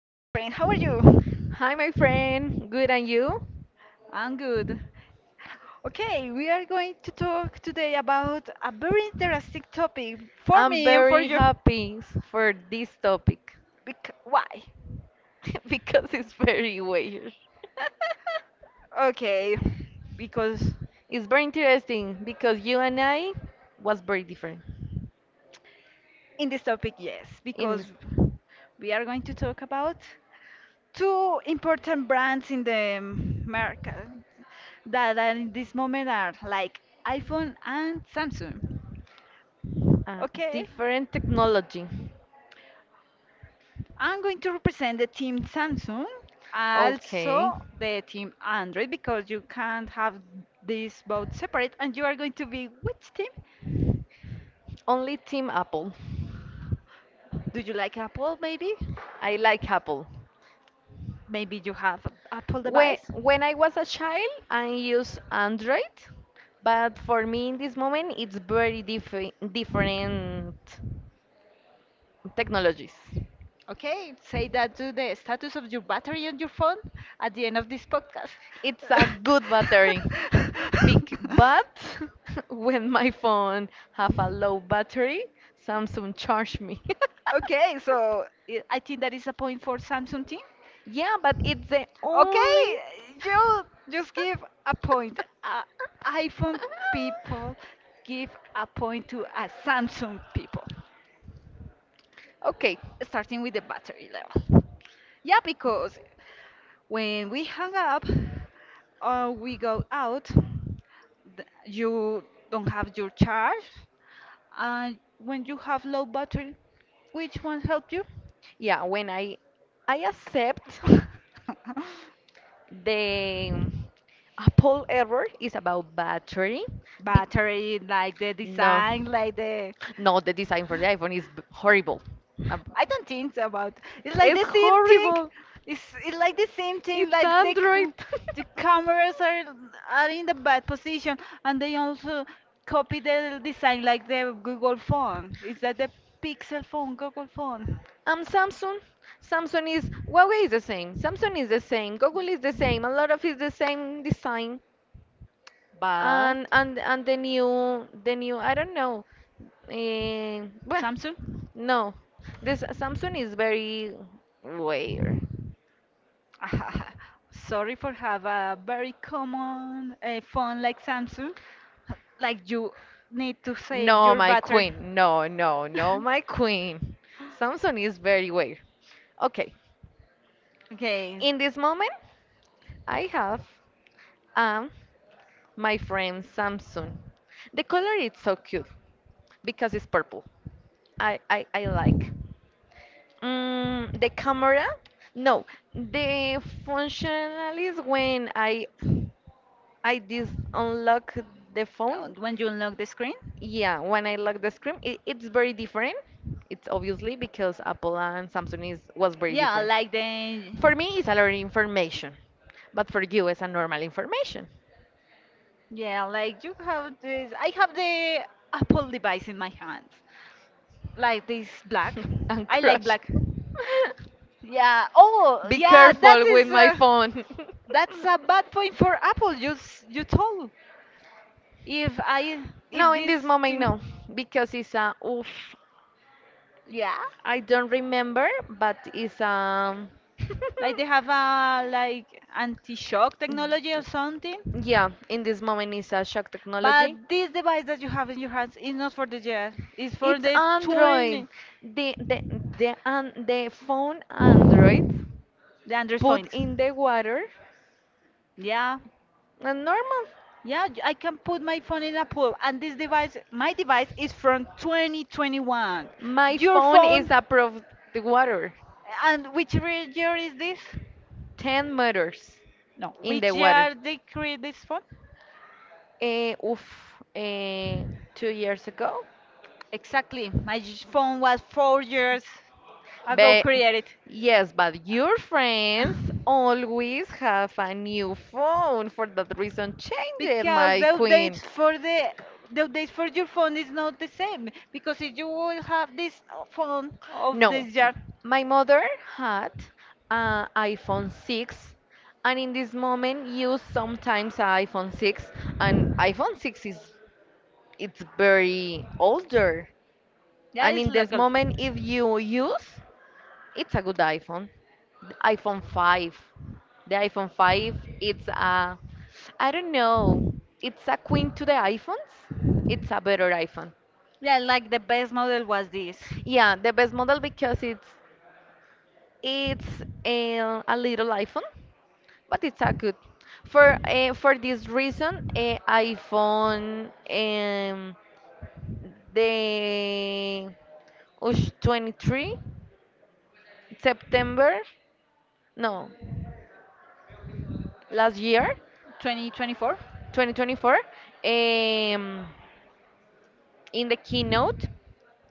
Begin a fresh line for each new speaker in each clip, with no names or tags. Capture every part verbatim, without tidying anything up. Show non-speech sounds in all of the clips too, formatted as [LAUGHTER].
Hi, friend. How are you?
Hi, my friend. Good, and you?
I'm good. Okay, we are going to talk today about a very interesting topic for
I'm
me and for
very
you.
happy s- for this topic
Bec- why?
[LAUGHS] because it's very weird. [LAUGHS]
Okay. Because
It's very interesting because you and I was very different
in this topic, yes,
in
because
s-
we are going to talk about two important brands in the market that are in this moment are like iPhone and Samsung.
uh,
Okay?
different technology.
I'm going to represent the team Samsung,
Okay.
also the team Android, because you can't have these both separate. And you are going to be which team?
Only Team Apple.
Do you like Apple, maybe?
I like Apple.
Maybe you have a Apple
When
device?
when I was a child, I used Android, but for me in this moment, it's very different different technologies.
Okay, say that to the status of your battery on your phone at the end of this podcast.
It's a
[LAUGHS]
good battery, big, but [LAUGHS] when my phone have a low battery, Samsung charge me. [LAUGHS]
Okay, so i I think that is a point for Samsung team.
Yeah, but it's the only.
Okay, you just give a point. Uh, iPhone people
[LAUGHS]
give a point to a Samsung people.
Okay,
Starting with the battery level. Yeah, because when we hang up or we go out, th- you don't have your charge. And when you have low battery, which one helped you?
yeah, when i i accept
[LAUGHS]
the apple error is about battery. bec-
Battery, like the
no
design, like the.
no the design for the iphone is b- horrible. Um,
I don't think so about. It's like
it's
the same thing.
horrible.
It's, it's like the same thing.
It's
Like the
android.
c- the
[LAUGHS]
cameras are are in the bad position, and they also copy the design like the Google phone. Is that the Pixel phone, Google phone?
Um, Samsung. Samsung is Huawei is the same. Samsung is the same. Google is the same. A lot of is the same design,
But
and and and the new the new I don't know. Eh, well,
Samsung.
no. This Samsung is very weird.
[LAUGHS] Sorry for have a very common uh, phone like Samsung. Like you need to save
No,
queen.
my queen. No, no, no, my
[LAUGHS]
queen. Samsung is very weird. Okay,
Okay. In
in this moment, I have um my friend Samsung. The color is so cute because it's purple. I I, I like. Mm, the camera? No, the functional is when I I dis unlock the
phone.
phone.
Uh, When you unlock the screen?
Yeah, when I look the screen, it, it's very different. It's obviously because Apple and Samsung is was very
Yeah, better.
different.
Like the.
For me, it's a lot of information, but for you, it's a normal information.
Yeah, like you have this. I have the Apple device in my hand, like this black.
[LAUGHS] and
I like
crush.
black. Yeah. Oh,
[LAUGHS] Be
yeah. That
careful with
is.
my
Uh,
phone.
that's a bad point for Apple. You s- you told
[LAUGHS]
if I
No,
if
in
this
this moment,
thing.
no, because it's a oof.
Yeah,
I don't remember, but it's um. [LAUGHS]
like they have a like anti-shock technology or something.
Yeah, in this moment it's a shock
But
technology.
this device that you have in your hands is not for the jet. It's for
It's
the
Android.
twenty.
The the the and the phone Android
The Android
put
phone.
in the water
Yeah.
and normal.
Yeah, j- I can put my phone in a pool. And this device, my device is from twenty twenty-one.
My
Your
phone
phone,
is above the water,
and which re- year is this?
ten meters
No,
in the
which
water.
year they create this phone?
Uh, oof, uh, two years ago.
Exactly. My j- phone was four years ago
But
created.
yes, but your friends always have a new
[LAUGHS]
phone. For that reason, change it,
Because
my
the updates
queen.
for the the updates for your phone is not the same. Because if you will have this uh, phone of this
No,
year,
my mother had an iPhone six, and in this moment use sometimes a iPhone six, and iPhone six is it's very older.
yeah,
And
it's
in this
like a,
moment, if you use it's a good iPhone. The iPhone five. The iPhone five, it's a, I don't know, it's a queen to the iPhones. It's a better iPhone.
yeah, like the best model was this
Yeah, the best model because it's it's a, a little iPhone, but it's a good. For uh, for this reason, uh, iPhone, um, the ush, twenty-three September, no, last year,
twenty twenty-four.
twenty twenty-four. Um, in the keynote,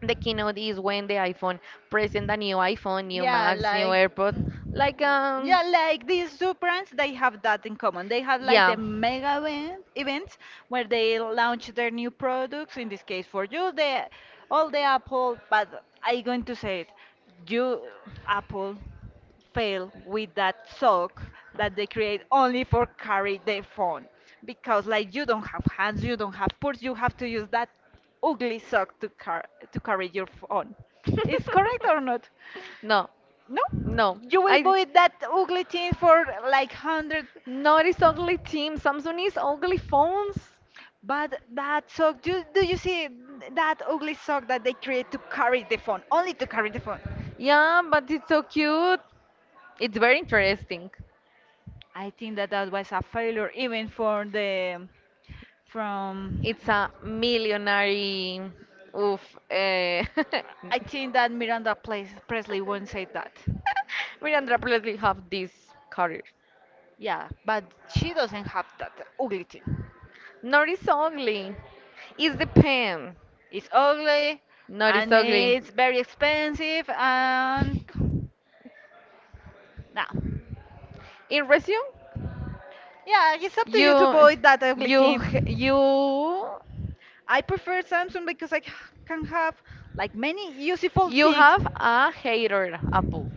the keynote is when the iphone present a new iphone, new
Yeah,
max, new
like
airpod, like um
yeah, like these two brands, they have that in common. They have like the
yeah.
mega event, events where they launch their new products. In this case, for you, the all the Apple, but I am going to say it, you Apple fail with that sock that they create only for carry the phone because like you don't have hands, you don't have purse, you have to use that ugly sock to car to carry your phone. Is correct or not?
[LAUGHS] No,
No,
No,
you will
I.
buy that ugly thing for like hundred.
Not it is ugly team. Samsung is ugly phones.
But that sock, do, do you see that ugly sock that they create to carry the phone, only to carry the phone?
Yeah, but it's so cute. It's very interesting.
I think that that was a failure, even for the from.
It's a millionary. Oof. Eh. [LAUGHS]
I think that Miranda Ples- Presley won't say that.
Miranda probably have this career.
Yeah, but she doesn't have that ugly thing.
Not is ugly. It's the pen.
It's ugly
Not is
and
ugly.
it's very expensive and no.
In resume?
Yeah, it's up to you to
You,
avoid that ugly
you,
team.
h- you,
I prefer Samsung because I c- can have like many useful
you
things.
have a hater apple.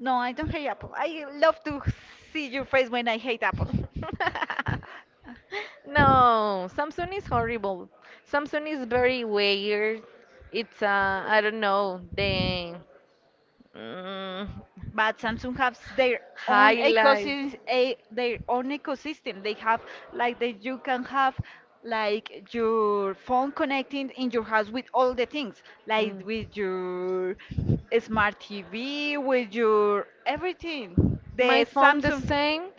No, I don't hate Apple. I love to see your face when I hate Apple. [LAUGHS]
[LAUGHS] No, Samsung is horrible. Samsung is very weird. It's uh, I don't know the mm,
But Samsung has their own
highlight.
ecosystem, a, their own ecosystem. They have like that you can have like your phone connecting in your house with all the things, like
Mm.
with your smart T V, with your everything.
My
The
phone the
Samsung,
same.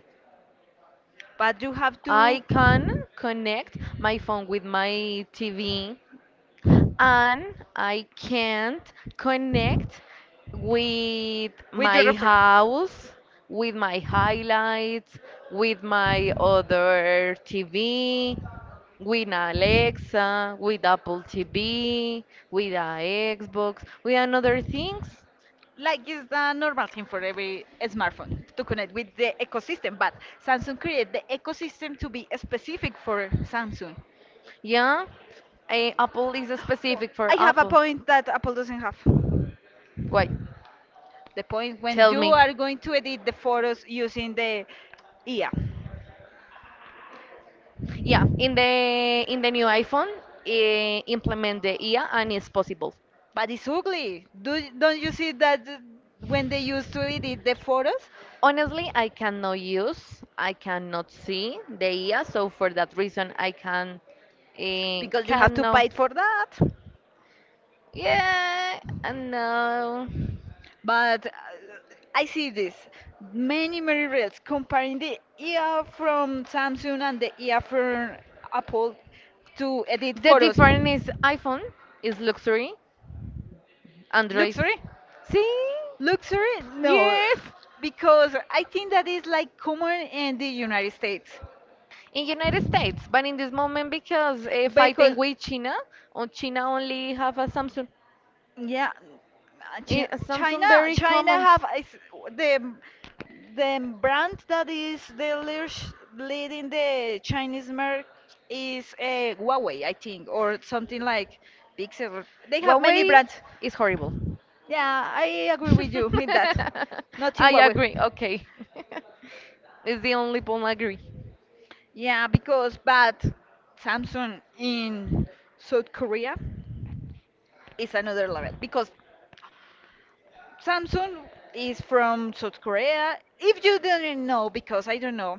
but you have
I
to.
can connect my phone with my T V, and I can't connect with
With your
my
refer
house, with my highlights, with my other T V, with Alexa, with Apple T V,
with.
with a Xbox, with another things.
Like it's the normal thing for every smartphone to connect with the ecosystem, but Samsung created the ecosystem to be specific for Samsung. [GASPS]
Yeah, eh, Apple is
Oh,
specific for
I have a
Apple.
point that Apple doesn't have.
Why?
The point when
Tell
you
me.
me. Are going to edit the photos using the I A.
Yeah, in the in the new iPhone, eh, implement the I A and it's possible.
But it's ugly. Do don't you see that th- when they used to edit the photos,
Honestly, I cannot use, I cannot see the I A, so for that reason, I can eh,
because you have to
cannot.
pay for that.
Yeah, uh, no.
But uh, I see this many many reels comparing the ear from Samsung and the ear from Apple to edit
The
photos.
difference is iPhone is luxury, Android.
Luxury?
See?
Luxury? No,
Yes.
because I think that is like common in the United States.
In United States, but in this moment because if I think
Because
with China, or China only have a Samsung,
yeah, uh,
Eh,
Chi-
a
China,
Samsung very
China
common.
have is the the brand that is the leaders- leading the Chinese market is uh, Huawei, I think, or something like Pixel. They have many
Huawei
brands.
is horrible.
Yeah, I agree with you in that.
[LAUGHS]
Not in
I
Huawei.
agree. Okay, [LAUGHS] it's the only point I agree.
Yeah, because but Samsung in South Korea is another level because Samsung is from South Korea. If you don't know, because I don't know,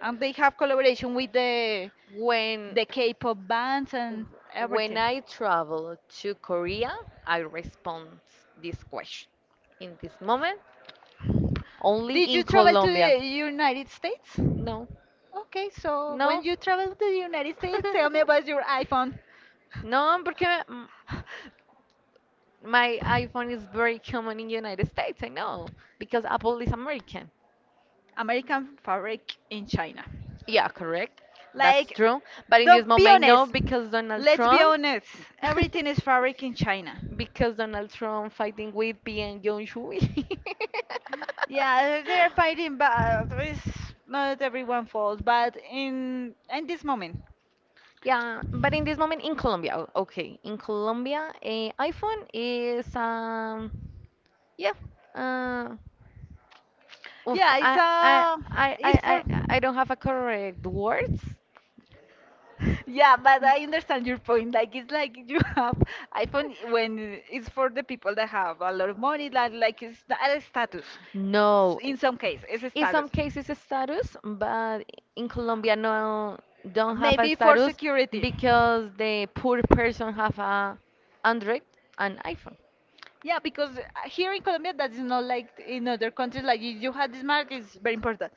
and they have collaboration with the
When
the K-pop bands and
when
everything.
I travel to Korea, I respond this question. In this moment, only
Did
in
you travel to
Colombia.
the United States?
No,
Okay, so when
no.
you travel to the United States, tell me about
[LAUGHS]
your iPhone.
No, porque m-
[LAUGHS]
my iPhone is very common in United States, I know, because Apple is American.
American fabric in China.
Yeah, correct. That's
Like,
true. But in this
don't be
moment, no,
honest.
because Donald
Let's be
Trump,
honest. Everything is
[LAUGHS]
fabric in China.
because Donald Trump fighting with Pyongyang Jongshui. [LAUGHS]
Yeah, they're fighting, but it's not everyone falls. But in in this moment,
Yeah, but in this moment in Colombia, o- okay, in Colombia, eh, iPhone is, um yeah, uh, oof,
yeah, it's
I, I,
uh,
I, I,
it's for.
I, I don't have a correct words.
Yeah, but I understand your point. Like it's like you have iPhone when it's for the people that have a lot of money. Like like it's not a status.
No,
In some case, it's a
in some
status.
cases a status, but in Colombia no don't have a
Maybe for
status
security.
because the poor person have a Android and iPhone.
Yeah, because uh, here in Colombia, that is not like in other countries. Like you you have this mark is very important.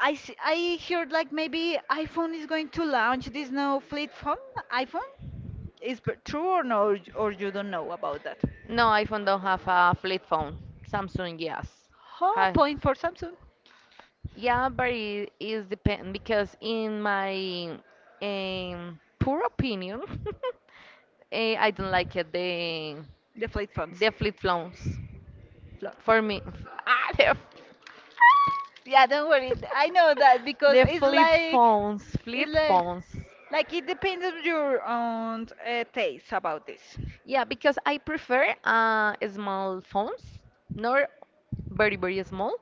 I see, I heard like maybe iPhone is going to launch this new flip phone. iPhone is b- true or no? Or, y- or you don't know about that?
No, iPhone don't have a flip phone. Samsung, yes.
Oh, a
Hi.
point for Samsung,
Yeah, but it is depend because in my um, poor opinion, [LAUGHS] eh, I don't like it the
the flip phones.
The flip flops.
Lot.
For me. [LAUGHS] Ah, the,
Yeah, don't worry. I know that because
the
it's
flip
like
phones.
it's
Flip
like
phones.
like it depends on your own uh, taste about this.
Yeah, because I prefer uh, small phones, nor very, very small.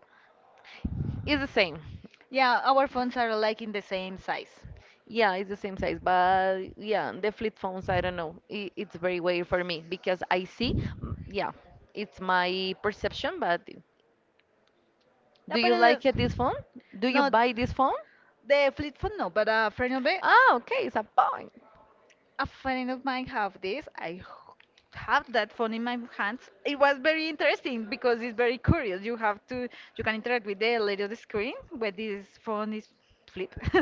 It's the same.
Yeah, our phones are like in the same size.
Yeah, it's the same size. But yeah, the flip phones, I don't know. It, it's very weird for me because I see. mm, Yeah, it's my perception. But
Yeah,
do
but
you
it
like
is
it, this phone? Do you
not
buy this phone?
the flip phone no, but a friend of it.
Ah, okay, it's a phone.
A friend of mine have this. I h- have that phone in my hands. It was very interesting because it's very curious. You have to you can interact with the little screen where this phone is flip, [LAUGHS]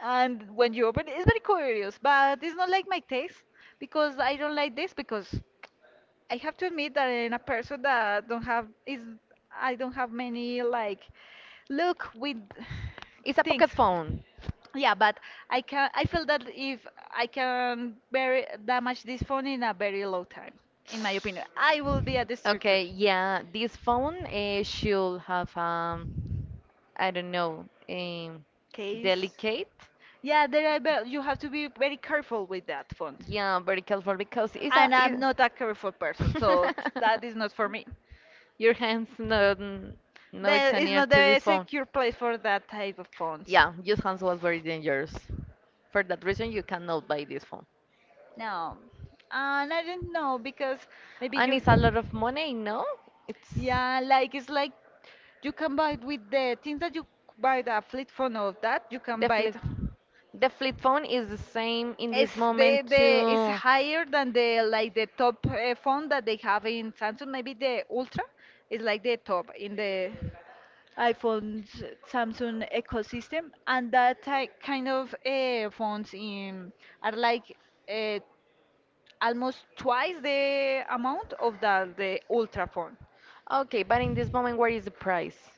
and when you open it, it's very curious. But it's not like my taste because I don't like this because. I have to admit that in a person that don't have is I don't have many like look with
It's
[SIGHS]
a
things.
pocket phone.
Yeah, but I can I feel that if I can very damage this phone in a very low time, in my opinion, I will be a destructor.
Okay, yeah, this phone uh, should have, um, I don't know, um,
Case.
delicate,
Yeah, there are, ve- you have to be very careful with that font.
yeah, vertical for because it's a
And
it.
I'm not a careful person, so that is not for me.
[LAUGHS] Your hands no, n- no, it's
There is
near
not
to
a
this phone.
secure place for that type of phones.
Yeah, your hands was very dangerous. For that reason, you cannot buy this phone,
No. Uh, and I don't know because maybe
and
you.
it's a lot of money. No. it's
Yeah, like it's like you can buy it with the things that you buy the flip phone of that you can
the
buy it.
flip The flip phone is the same in
It's
this
the
moment
the it's
too.
higher than the like the top uh, phone that they have in Samsung. Maybe the Ultra is like the top in the iPhone Samsung ecosystem, and that type kind of uh, phones in are like uh, almost twice the amount of the the Ultra phone.
Okay, but in this moment, where is the price?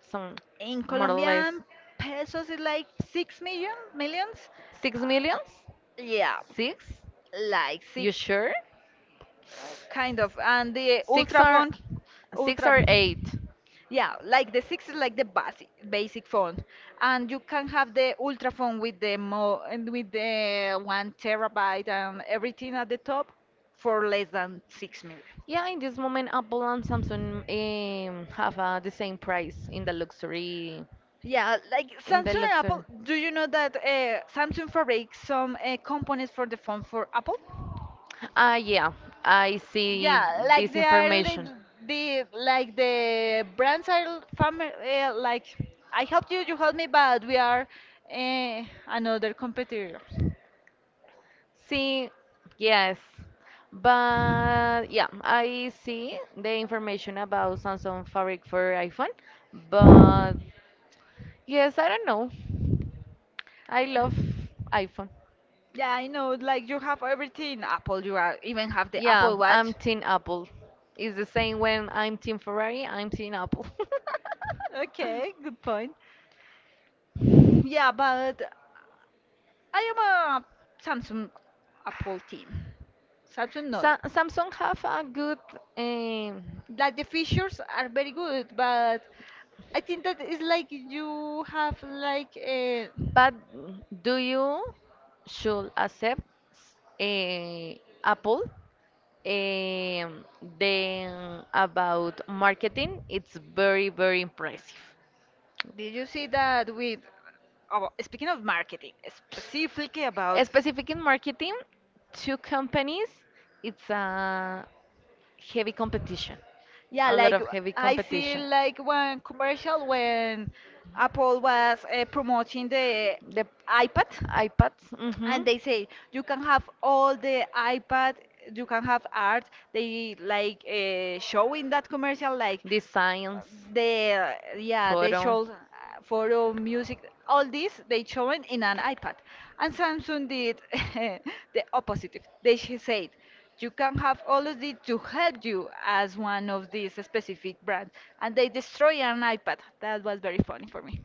Some
In
more or less
Colombian pesos, is like six million millions.
six
Uh,
millions?
yeah,
Six?
like
You
six
sure?
kind of and the
Six
ultra
or
font
six
ultra
or eight?
yeah like the six is like the basic basic font and you can have the ultra font with the mo and with the one terabyte and everything at the top for less than six million
Yeah, in this moment, Apple and Samsung um, have uh, the same price in the luxury.
yeah like
In the
samsung and apple
luxury.
do you know that uh, samsung fabric some uh, components for the phone for apple.
Uh, yeah, I see
Yeah, like
this
they are
information.
li- the like the brands are family uh, like I helped you, you help me, but we are uh, another competitors.
See, yes, but yeah, I see the information about Samsung Fabric for iPhone, but yes, I don't know. I
Yeah.
love iPhone.
Yeah, I know. Like you have everything Apple, you are even have the
Yeah,
Apple Watch.
I'm Team Apple. It's the same when I'm Team Ferrari, I'm Team Apple. [LAUGHS]
Okay, good point. Yeah, but I am a Samsung Apple team. Samsung no.
Sa Samsung have a good, um,
Like the features are very good, but I think that it's like you have like a.
but do you should accept eh, Apple? Um, then about marketing, it's very, very impressive.
Did you see that with oh, speaking of marketing, specifically about
Specific in marketing, two companies, it's a heavy competition,
yeah,
a lot
like
of
w-
heavy
I see
competition.
like one commercial when Apple was uh, promoting the
The
iPad
iPads, mhm,
and they say you can have all the iPad, you can have art. They like uh, show in that commercial like uh,
designs,
they uh, yeah they
photo.
show uh, photo, music, all this they showing in an
Like.
iPad. And Samsung did [LAUGHS] the opposite. They sh- said you can have all of this to help you as one of these specific brands, and they destroy an iPad. That was very funny for me.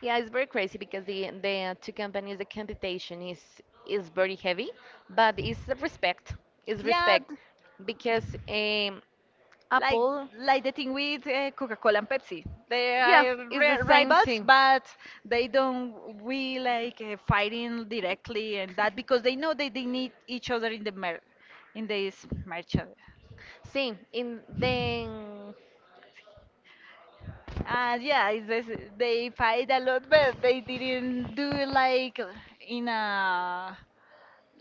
Yeah, it's very crazy because the the two companies, the competition is is very heavy, but it's a respect. It's, yeah,
Yeah.
respect because um, like
like
Apple,
like the
like
thing with uh, Coca-Cola and Pepsi. They
yeah,
are
it's
ri-
the same
rivals,
thing.
but they don't we like uh, fighting directly and that because they know that they need each other in the mer in this merch.
[LAUGHS] See, in then
And yeah, it's this, they fight a lot, but they didn't do it like in a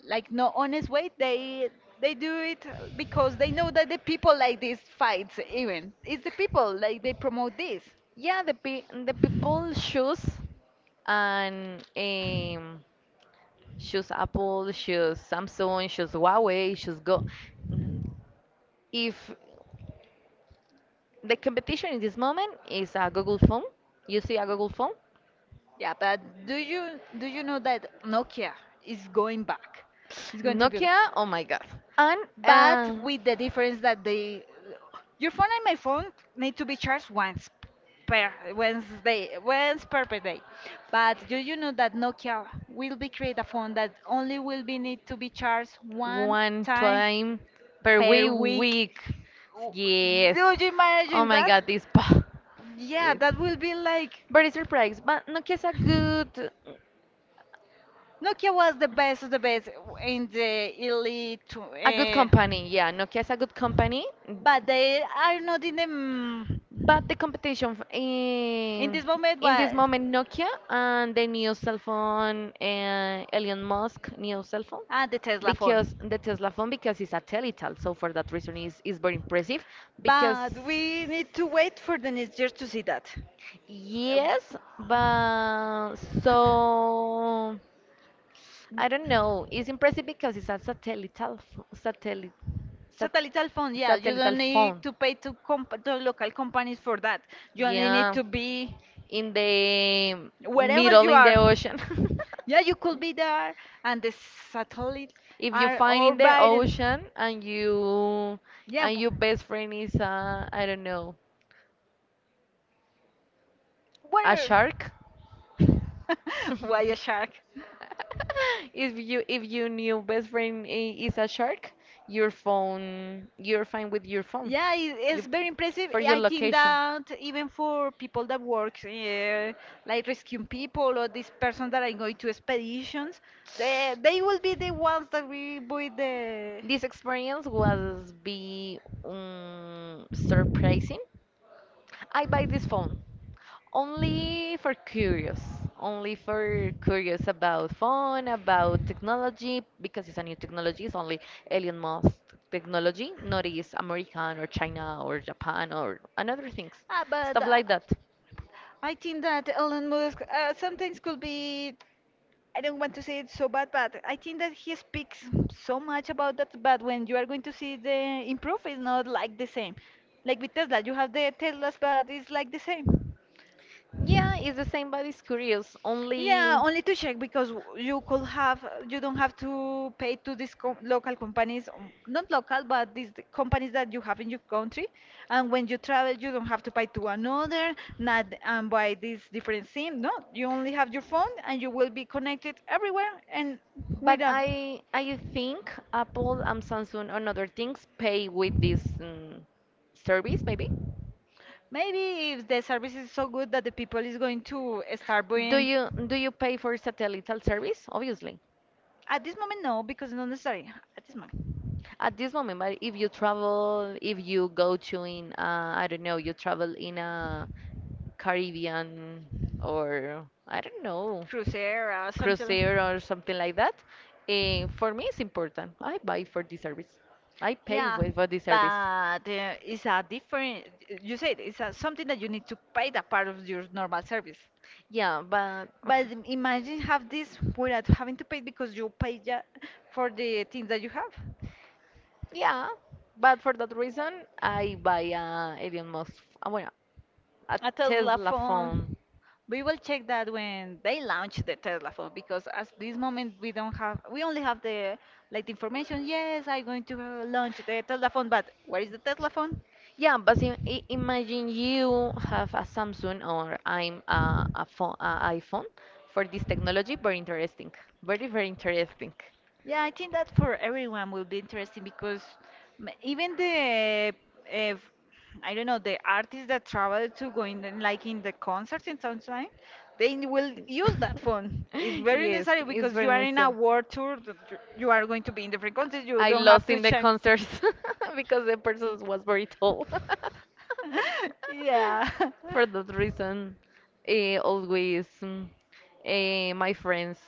like no honest way. They they do it because they know that the people like these fights. Even it's the people like they promote this.
yeah, the pe the people choose, and um choose Apple, choose Samsung, choose Huawei, choose Go. Mm, If the competition in this moment is a Google phone, you see a Google phone,
Yeah, but do you do you know that Nokia is going back? It's going to be,
Nokia. Oh my God!
but
And
with the difference that they, your phone and my phone need to be charged once per Wednesday,
uh,
once per per day. But do you know that Nokia will be create a phone that only will be need to be charged one
one
time
time per
per
wee
week?
week. Yes.
W- Do you
Oh
imagine
my
that?
god, this. [LAUGHS] pa-
Yeah,
It's-
that will be like.
Very surprised, but Nokia is a good.
Nokia was the best of the best in the elite, tw-
A good
eh,
company, yeah. Nokia is a good company, mm,
but they are not in the. mm,
but the competition f-
In
in
this moment,
in this
but.
moment, Nokia and the new cell phone, uh, Elon Musk new cell phone,
And the Tesla
because
phone.
the Tesla phone because it's a teletal, so for that reason is is very impressive because.
But we need to wait for the next year to see that.
Yes, but so
Uh,
I don't know. It's impressive because it's a
[COUGHS]
satellite, satellite, sat
Satellite phone, yeah, you don't
satellite
need
phone.
to pay to, comp- to local companies for that. You only need
Yeah,
to be
in the
wherever
middle
you
in
are.
the ocean.
Yeah, you could be there, and the satellites
[LAUGHS] if you
are
find in the
orbiting.
ocean, and you
Yeah,
and
w-
your best friend is, uh, I don't know, a
where?
shark.
[LAUGHS] Why a shark?
[LAUGHS] if you if you new best friend i- is a shark, your phone you're fine with your phone.
Yeah, it-
You
it's
p-
very impressive.
for your
I think
location.
that even for people that work, uh, like rescuing people or these persons that are going to expeditions, they they will be the ones that we with the.
This experience was be, um, surprising. I buy this phone only for curious, only for curious about phone, about technology, because it's a new technology. It's only Elon Musk technology, not is American or China or Japan or another things,
Ah, but
stuff
uh,
like that.
I think that Elon Musk uh, sometimes could be. I don't want to say it's so bad, but I think that he speaks so much about that. But when you are going to see the improve, it's not like the same. Like with Tesla, you have the Teslas, but it's like the same.
Yeah, it's the same, but it's curious. Only.
Yeah, only to check because w- you could have, you don't have to pay to these com local companies, um, not local, but these th- companies that you have in your country. And when you travel, you don't have to pay to another, not and buy this different SIM. No, you only have your phone, and you will be connected everywhere and with
But
a.
I I think Apple and Samsung and other things pay with this, um, service maybe.
Maybe if the service is so good that the people is going to start
Do
buying.
you do you pay for satellite service? Obviously,
At this moment, no, because not necessary. At this moment,
at this moment. But if you travel, if you go to in, uh, I don't know, you travel in a Caribbean, or I don't know,
Cruzeiro, something. like-
cruiser or something like that. Eh, for me, it's important. I buy for the service. I pay
Yeah,
for, for the
but
service.
uh, it's a different. You said it's a, something that you need to pay that part of your normal service.
Yeah, but
But
f-
imagine have this without having to pay because you pay ja for the things that you have.
yeah, but for that reason, I buy a Elon Musk. uh, Well, a
A Tesla
Tesla phone.
phone. We will check that when they launch the Tesla phone because at this moment we don't have we only have the like the information. Yes, I'm going to uh, launch the Tesla phone, but where is the Tesla phone?
Yeah, but im- i- imagine you have a Samsung, or I'm a, a phone, a iPhone for this technology. Very interesting. Very, very interesting.
Yeah, I think that for everyone will be interesting because m- even the, uh, I don't know, the artists that travel to go in the- like in the concerts and something, they will use that
[LAUGHS]
phone. It's very
Yes,
necessary
it's
because
very
you are in a
necessary.
world tour that You you are going to be in different countries. You
I
don't have
lost
to
in the
check.
concert [LAUGHS] because the person was very tall. [LAUGHS]
[LAUGHS]
Yeah.
Yeah,
For that reason, eh, always, mm, eh, my friends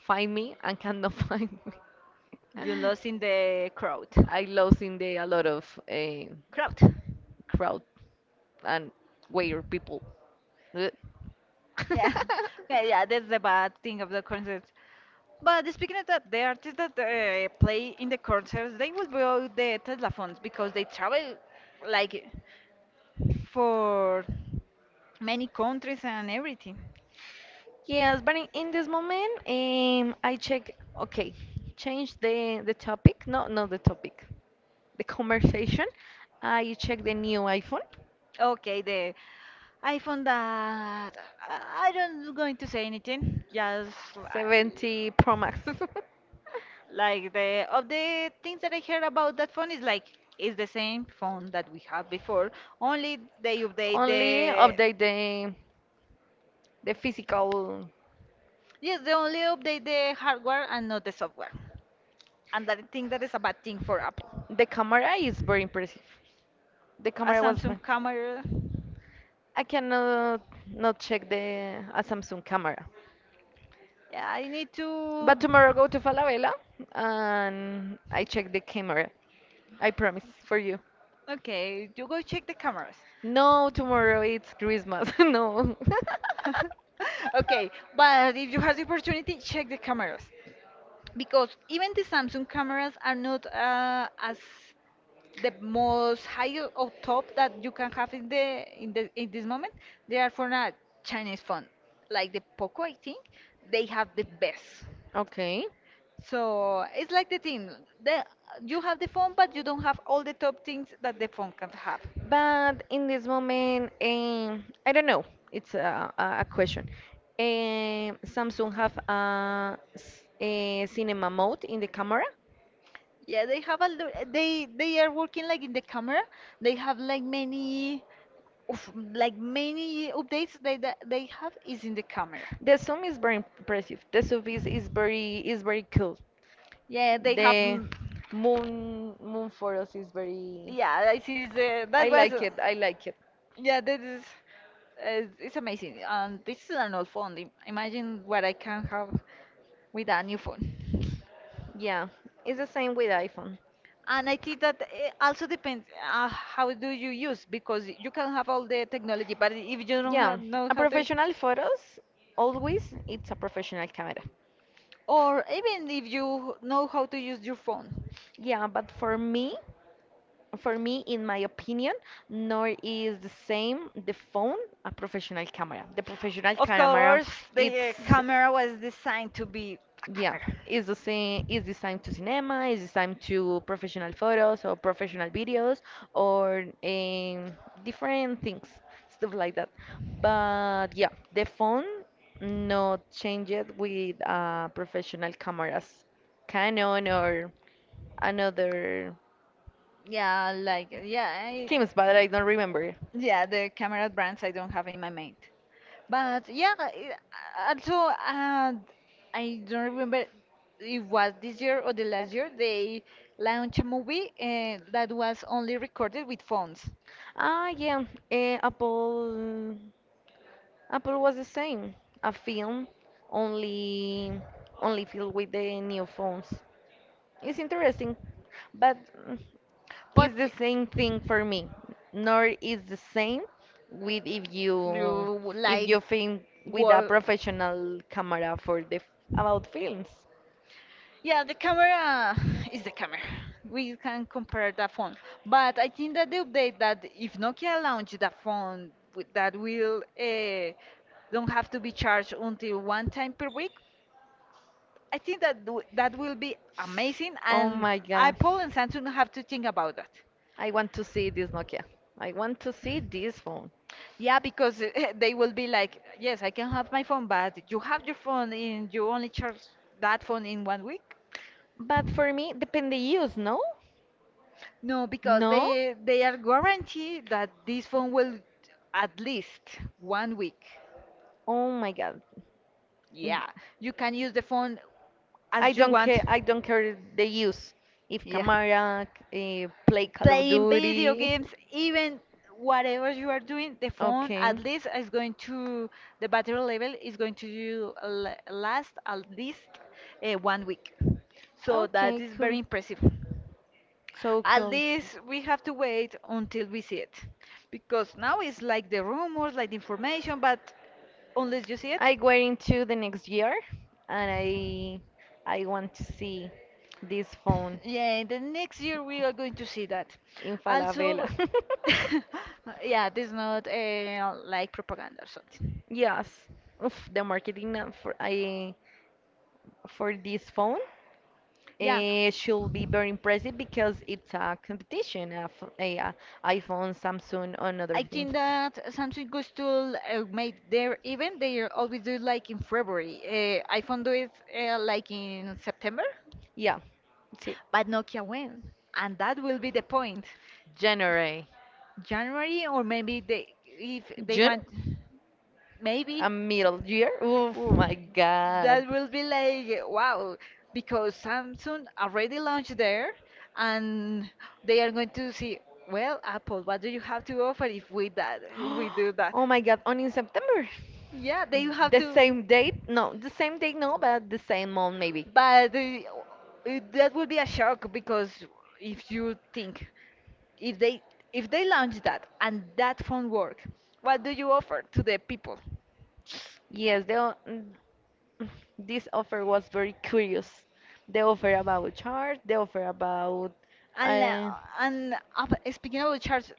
find me and cannot [LAUGHS] find me.
[LAUGHS] you lost in the crowd.
I lost in the a lot of eh,
Crowd.
crowd and weird people. Ugh.
Yeah, [LAUGHS]
[LAUGHS]
yeah, yeah. That's the bad thing of the concerts. But speaking of that, the artists that uh, play in the concerts, they will blow the Tesla phones because they travel like for many countries and everything.
Yes, but in, in this moment, um, I check. Okay, change the the topic. No, not the topic. The conversation. I check the new iPhone.
Okay, the I found that I I don't going to say anything. Just uh,
seventy Pro Max. [LAUGHS]
Like the of the things that I heard about that phone is like it's the same phone that we have before. Only they update
Only
the.
update the the physical.
Yes, they only update the hardware and not the software. And that I think that is a bad thing for Apple.
The camera is very impressive. The
A
camera was. ve-
Samsung camera,
I cannot not check the a Samsung camera.
yeah, I need to.
But tomorrow go to Falabella and I check the camera. I promise for you.
Okay, you go check the cameras.
No, tomorrow it's Christmas. [LAUGHS] No.
[LAUGHS] Okay, but if you have the opportunity, check the cameras, because even the Samsung cameras are not uh, as the most high or top that you can have in the in the in this moment. They are for a Chinese phone, like the Poco. I think they have the best.
[LAUGHS] Okay.
So it's like the thing, the you have the phone, but you don't have all the top things that the phone can have.
But in this moment, um, I don't know. It's a, a a question. Um, Samsung have a, s- a cinema mode in the camera.
Yeah, they have a lo- they they are working like in the camera. They have like many of like many updates, they that they have is in the camera.
The zoom is very impressive. The zoom is, is very is very cool.
Yeah, they have.
The
m-
moon moon photos is very.
Yeah, I see. The,
I
that was.
like
uh,
it. I like it.
Yeah, this is. Uh, it's amazing. And this is an old phone. Im- Imagine what I can have with a new phone.
Yeah, it's the same with iPhone.
And I think that it also depends uh, how do you use because you can have all the technology, but if you don't
Yeah,
have know
a
how to,
professional photos always it's a professional camera.
or even if you know how to use your phone.
Yeah, but for me, for me, in my opinion, nor is the same the phone a professional camera. The professional
Of
camera,
course, the eh,
it's.
camera was designed to be a
Yeah,
camera.
is the same is this time to cinema, is this time to professional photos or professional videos or um, different things, stuff like that. But yeah, the phone not changed with uh, professional cameras, Canon or another
Yeah, like yeah, I,
teams, but I don't remember.
yeah, the camera brands I don't have in my mind. But yeah, i- also uh, I don't remember if it was this year or the last year they launched a movie uh, that was only recorded with phones.
Ah, yeah, eh, Apple Apple was the same, a film only only filled with the new phones. It's interesting, but mm, it's
But
the same thing for me. Nor is the same with if you
you
if
like
you film with a
work.
professional camera for the f- about films.
Yeah, the camera is the camera. We can compare the phone. But I think that the update that if Nokia launched the phone with- that will uh, don't have to be charged until one time per week, I think that w- that will be amazing,
Oh
and
my god,
Apple and Samsung have to think about that.
I want to see this Nokia. I want to see this phone.
Yeah, because uh, [LAUGHS] they will be like, yes, I can have my phone, but you have your phone and you only charge that phone in one week.
But for me, depend the use, no?
No, because
No?
they they are guaranteed that this phone will at least one week.
Oh my god. Yeah.
Yeah, you can use the phone
I
as you
don't
want.
care. I don't care the use. If
Yeah.
Camara uh, play Call of
Playing video
Duty. [LAUGHS]
games, even whatever you are doing, the phone at
Okay.
least is going to, the battery level is going to you la- last at least uh, one week. So that
Okay.
is very
Cool.
impressive.
So
At
cool.
least we have to wait until we see it. Because now it's like the rumors, like the information, but unless you see it.
I go into the next year, and I I want to see this phone
Yeah, in the next year we are going to see that.
in
Also,
Falabella. [LAUGHS]
[LAUGHS] yeah, this is not uh, like propaganda or something.
Yes. Oof, the marketing now for I for this phone.
Yeah.
It should be very impressive because it's a competition of a, uh, iPhone, Samsung, and other
I
things.
think that Samsung goes to uh, make their event. They always do like in February. Uh, iPhone do it uh, like in September,
Yeah, see,
but Nokia when, and that will be the point.
January.
January or maybe they if they
June,
want, maybe.
a middle year. Oh
Ooh,
my God.
that will be like wow, because Samsung already launched there, and they are going to see. Well, Apple, what do you have to offer if we that if we do
[GASPS]
that?
Oh my God, on in September.
Yeah, they have
The
to.
same date? No, the same date, no, but the same month maybe.
But uh, it- that would be a shock because if you think if they if they launch that and that phone work, what do you offer to the people?
Yes, the o- this offer was very curious. The offer about charge, the offer about
And la-
uh,
and uh, speaking of the charge,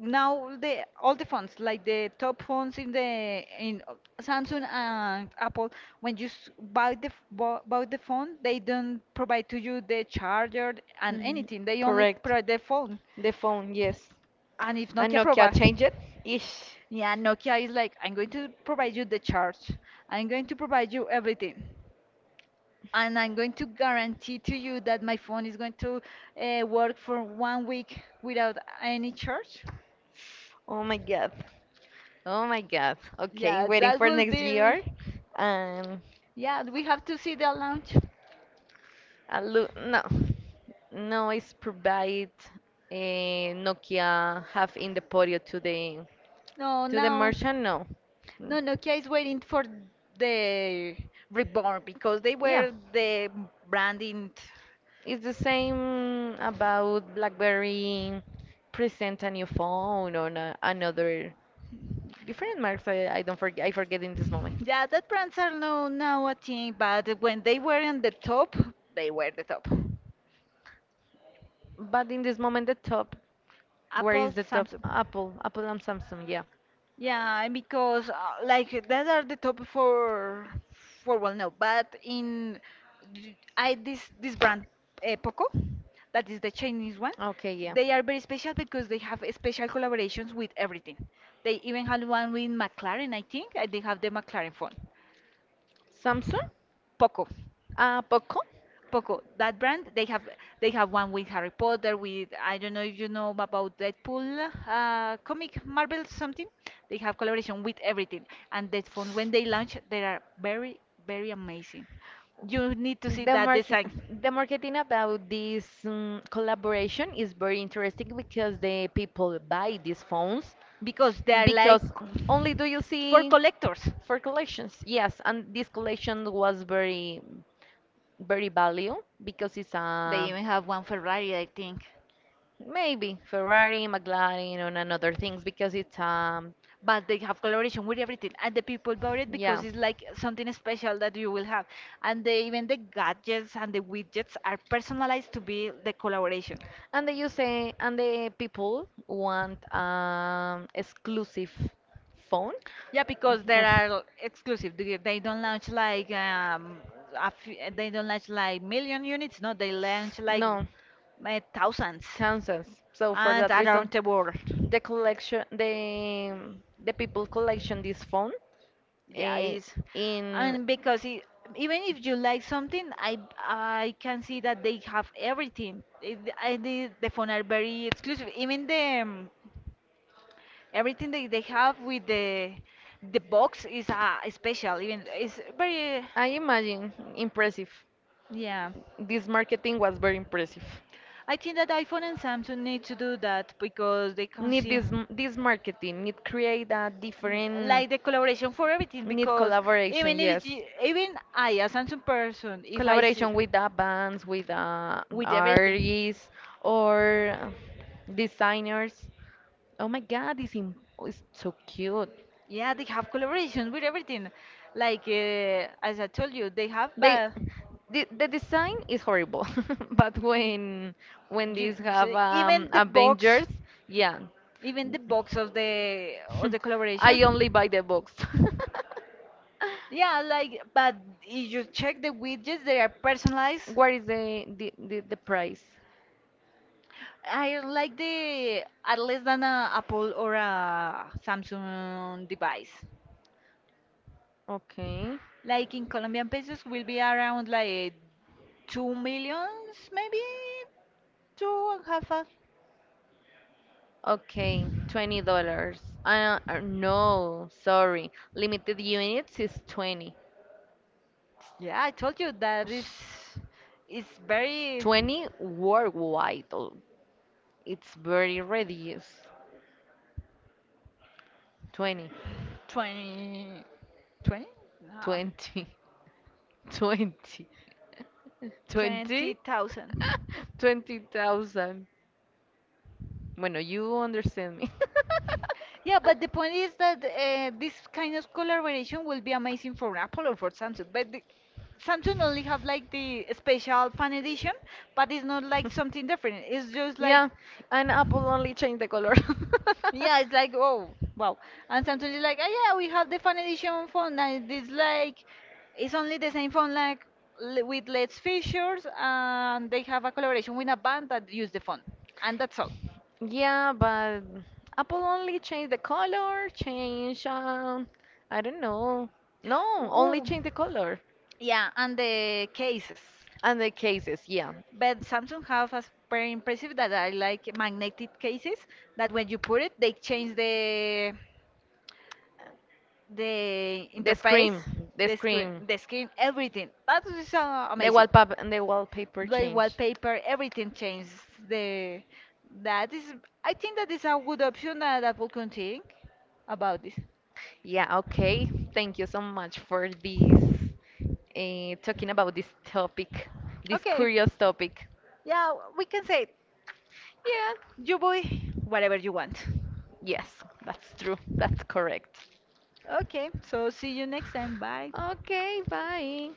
now the all the phones, like the top phones in the in uh, Samsung and Apple, when you s- buy the f- bu- buy the phone, they don't provide to you the charger and
mhm,
anything. They only
correct.
provide the phone.
The phone, yes.
And if
And
Nokia
Nokia
provides,
changed it. Ish.
yeah, Nokia is like, I'm going to provide you the charge. I'm going to provide you everything, and I'm going to guarantee to you that my phone is going to uh, work for one week without any charge.
Oh my god. Oh my god. Okay,
Yeah,
waiting
that
for
will
next
be.
year. Um,
Yeah, we have to see the launch.
A lu- no, no is provide eh, Nokia have in the portfolio to the
No,
to the
now.
merchant. No. Mm,
No, Nokia is waiting for the reborn because they
yeah,
were the branding.
it's the same about BlackBerry present a new phone or na- another different marks. I, I don't forget. I forget in this moment.
Yeah, that brands are no now a thing, but when they were in the top, they were the top.
But in this moment, the top. Where is
Apple,
the top?
Samsung.
Apple, Apple and Samsung. Yeah.
Yeah, and because uh, like that are the top for for well no, but in d- I this this brand uh, Poco, that is the Chinese one.
Okay. Yeah.
They are very special because they have special collaborations with everything. They even had one with McLaren, I think, and they have the McLaren phone,
Samsung?
Poco.
Uh, Poco?
Poco, that brand, they have they have one with Harry Potter, with I don't know if you know about Deadpool, uh, comic Marvel something. They have collaboration with everything, and that phone when they launch, they are very very amazing. You need to see
The
that
market,
design
[LAUGHS] the marketing about this um, collaboration is very interesting because the people buy these phones
because they are like
because only do you
for
see
collectors.
for collections. Yes, and this collection was very, very value because it's
They
a
even have one Ferrari, I think,
maybe Ferrari, McLaren, and another things because it's um,
but they have collaboration with everything, and the people bought it because
yeah.
it's like something special that you will have, and they, even the gadgets and the widgets are personalized to be the collaboration.
And the user and the people want um, exclusive phone.
Yeah,
Oof.
because they are exclusive, they they don't launch like um a few, they don't launch like million units, no, they launch like
No,
uh, thousands,
thousands. So for
and
that reason,
around the world.
the collection, the the people collection this phone
Yeah, it
uh,
is. I
in.
mean, because it, even if you like something, I I can see that they have everything. It, I, the, the phone are very exclusive. Even the um, everything that they have with the the box is uh, special. Even it's very
I imagine impressive.
yeah.
This marketing was very impressive.
I think that iPhone and Samsung need to do that because they can
Need
see.
this m- this marketing need create a different
Like the collaboration for everything
need
because
collaboration,
even if
yes,
you, even I as handsome person if I see
collaboration with the bands, with the
with everything.
artists or designers. Oh my god, this im- is so cute.
Yeah, they have collaboration with everything, like uh, as I told you they have
They,
but.
the, the design is horrible, [LAUGHS] but
[LAUGHS]
when when
You,
these have
they so,
um,
even the box,
avengers,
picture,
yeah.
even the box of the of the I
[LAUGHS]
collaboration.
I only buy the
[LAUGHS]
books. [LAUGHS]
Yeah, like, but if you check the widgets, they are personalized.
What is the the, the, the price?
I like the at less than a Apple or a Samsung device.
Okay.
Like in Colombian pesos will be around like two millions maybe, two and half a.
Okay, twenty dollars. Uh, uh, no, sorry. Limited units is twenty.
Yeah, I told you that is it's very
Twenty worldwide. Oh, it's very reduced. twenty,
twenty, twenty, no,
twenty, [LAUGHS] twenty, [LAUGHS] twenty.
twenty thousand.
[LAUGHS] twenty thousand. Bueno, you understand me. [LAUGHS]
Yeah, but the point is that uh, this kind of collaboration will be amazing for Apple or for Samsung, but the, Samsung only have like the special fan edition, but it's not like something different, it's just like.
Yeah, and Apple only changed the color. [LAUGHS]
Yeah, it's like, oh, wow. And sometimes it's like, oh, yeah, we have the fan edition phone. And it's like, it's only the same phone, like l- with less features, and they have a collaboration with a band that use the phone, and that's all.
Yeah, but Apple only changed the color, change, um, I don't know. No, only
Ooh.
change the color.
Yeah, and the cases.
And the cases, yeah.
But Samsung have a very impressive that I like magnetic cases that when you put it, they change the the
The
interface,
screen, the
the screen,
screen,
the screen, everything. That is uh,
the
amazing.
wallpaper, and the wallpaper
By
change.
wallpaper, everything changes. The that is, I think that is a good option uh, that we can think about this.
Yeah, okay. Thank you so much for this uh, talking about this topic, this
Okay,
curious topic.
yeah, we can say,
Yeah,
you boy, whatever you want.
yes, that's true. That's correct.
Okay, so see you next time. Bye.
Okay, bye.